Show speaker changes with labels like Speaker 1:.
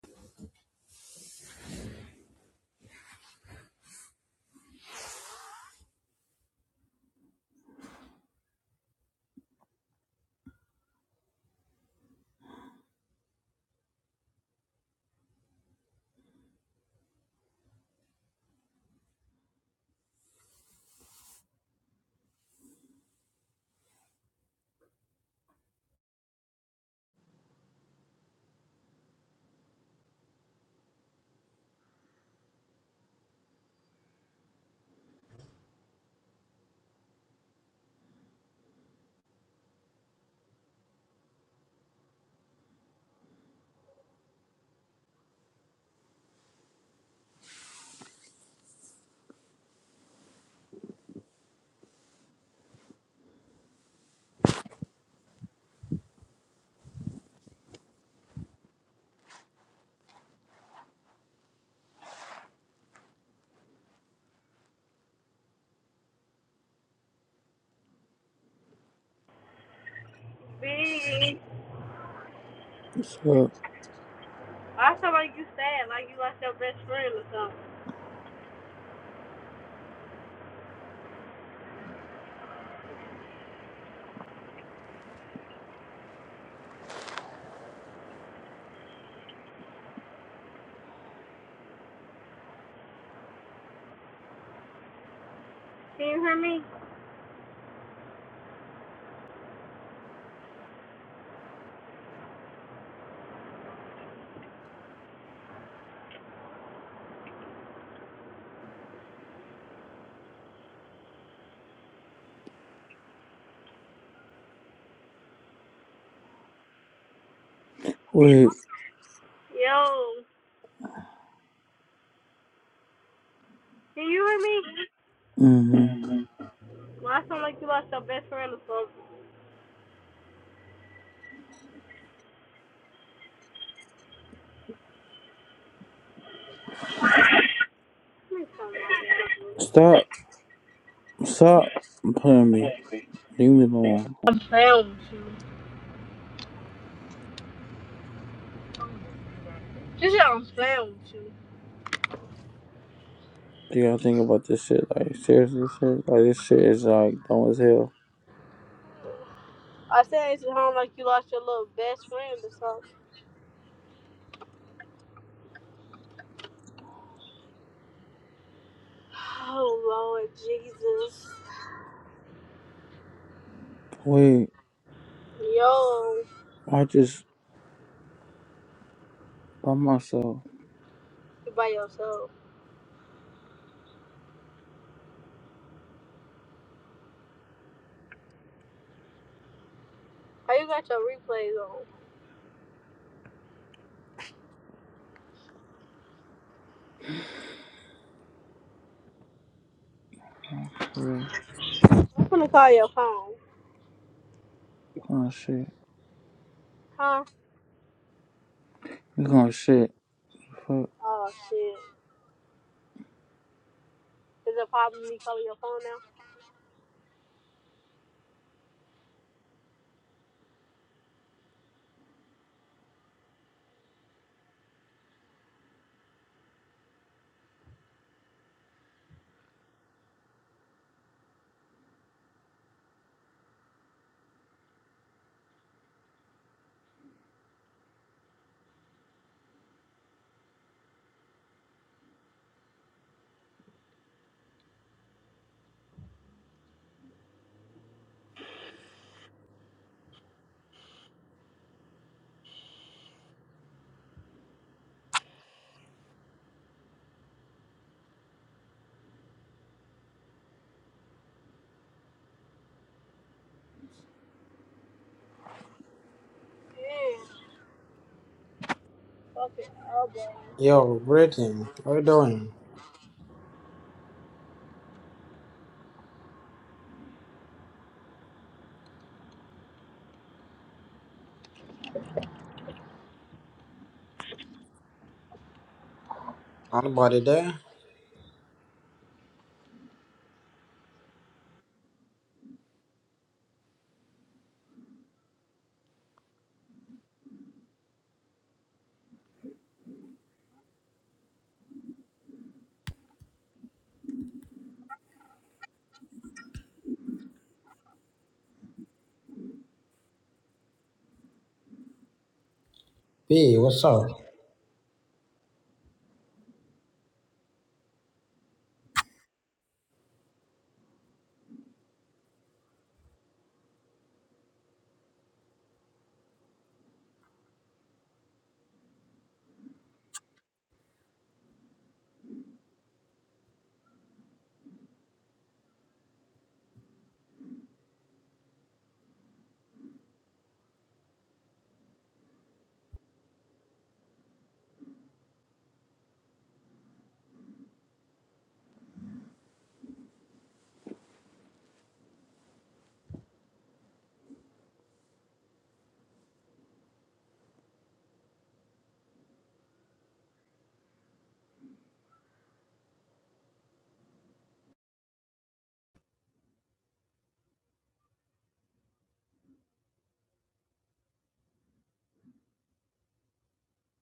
Speaker 1: Big.
Speaker 2: So
Speaker 1: I feel like you sad, like you lost your best friend or something. Can you hear me?
Speaker 2: wait,
Speaker 1: Yo, Can you hear me?
Speaker 2: hmm
Speaker 1: Mm-hmm. well, I sound like you lost your best friend or something. Let me
Speaker 2: stop, stop playing
Speaker 1: turn
Speaker 2: me.
Speaker 1: my
Speaker 2: Leave me
Speaker 1: damn
Speaker 2: alone.
Speaker 1: I'm playing with you. Just said I'm playing with you.
Speaker 2: Do y'all think about this shit? Like seriously, shit. Like this shit is like dumb as hell.
Speaker 1: I said it's at home, like you lost your little best friend or something. Oh Lord Jesus.
Speaker 2: Wait,
Speaker 1: Yo,
Speaker 2: I just by myself.
Speaker 1: you by yourself. How you got your replays on?
Speaker 2: Yeah,
Speaker 1: I'm gonna call your phone.
Speaker 2: gonna shit.
Speaker 1: Huh?
Speaker 2: We gonna shit. Fuck.
Speaker 1: Oh shit. Is it a problem me calling your phone now? Yeah. Okay, I'll go.
Speaker 3: Yo, greeting. How you doing? Anybody there? P, what's up?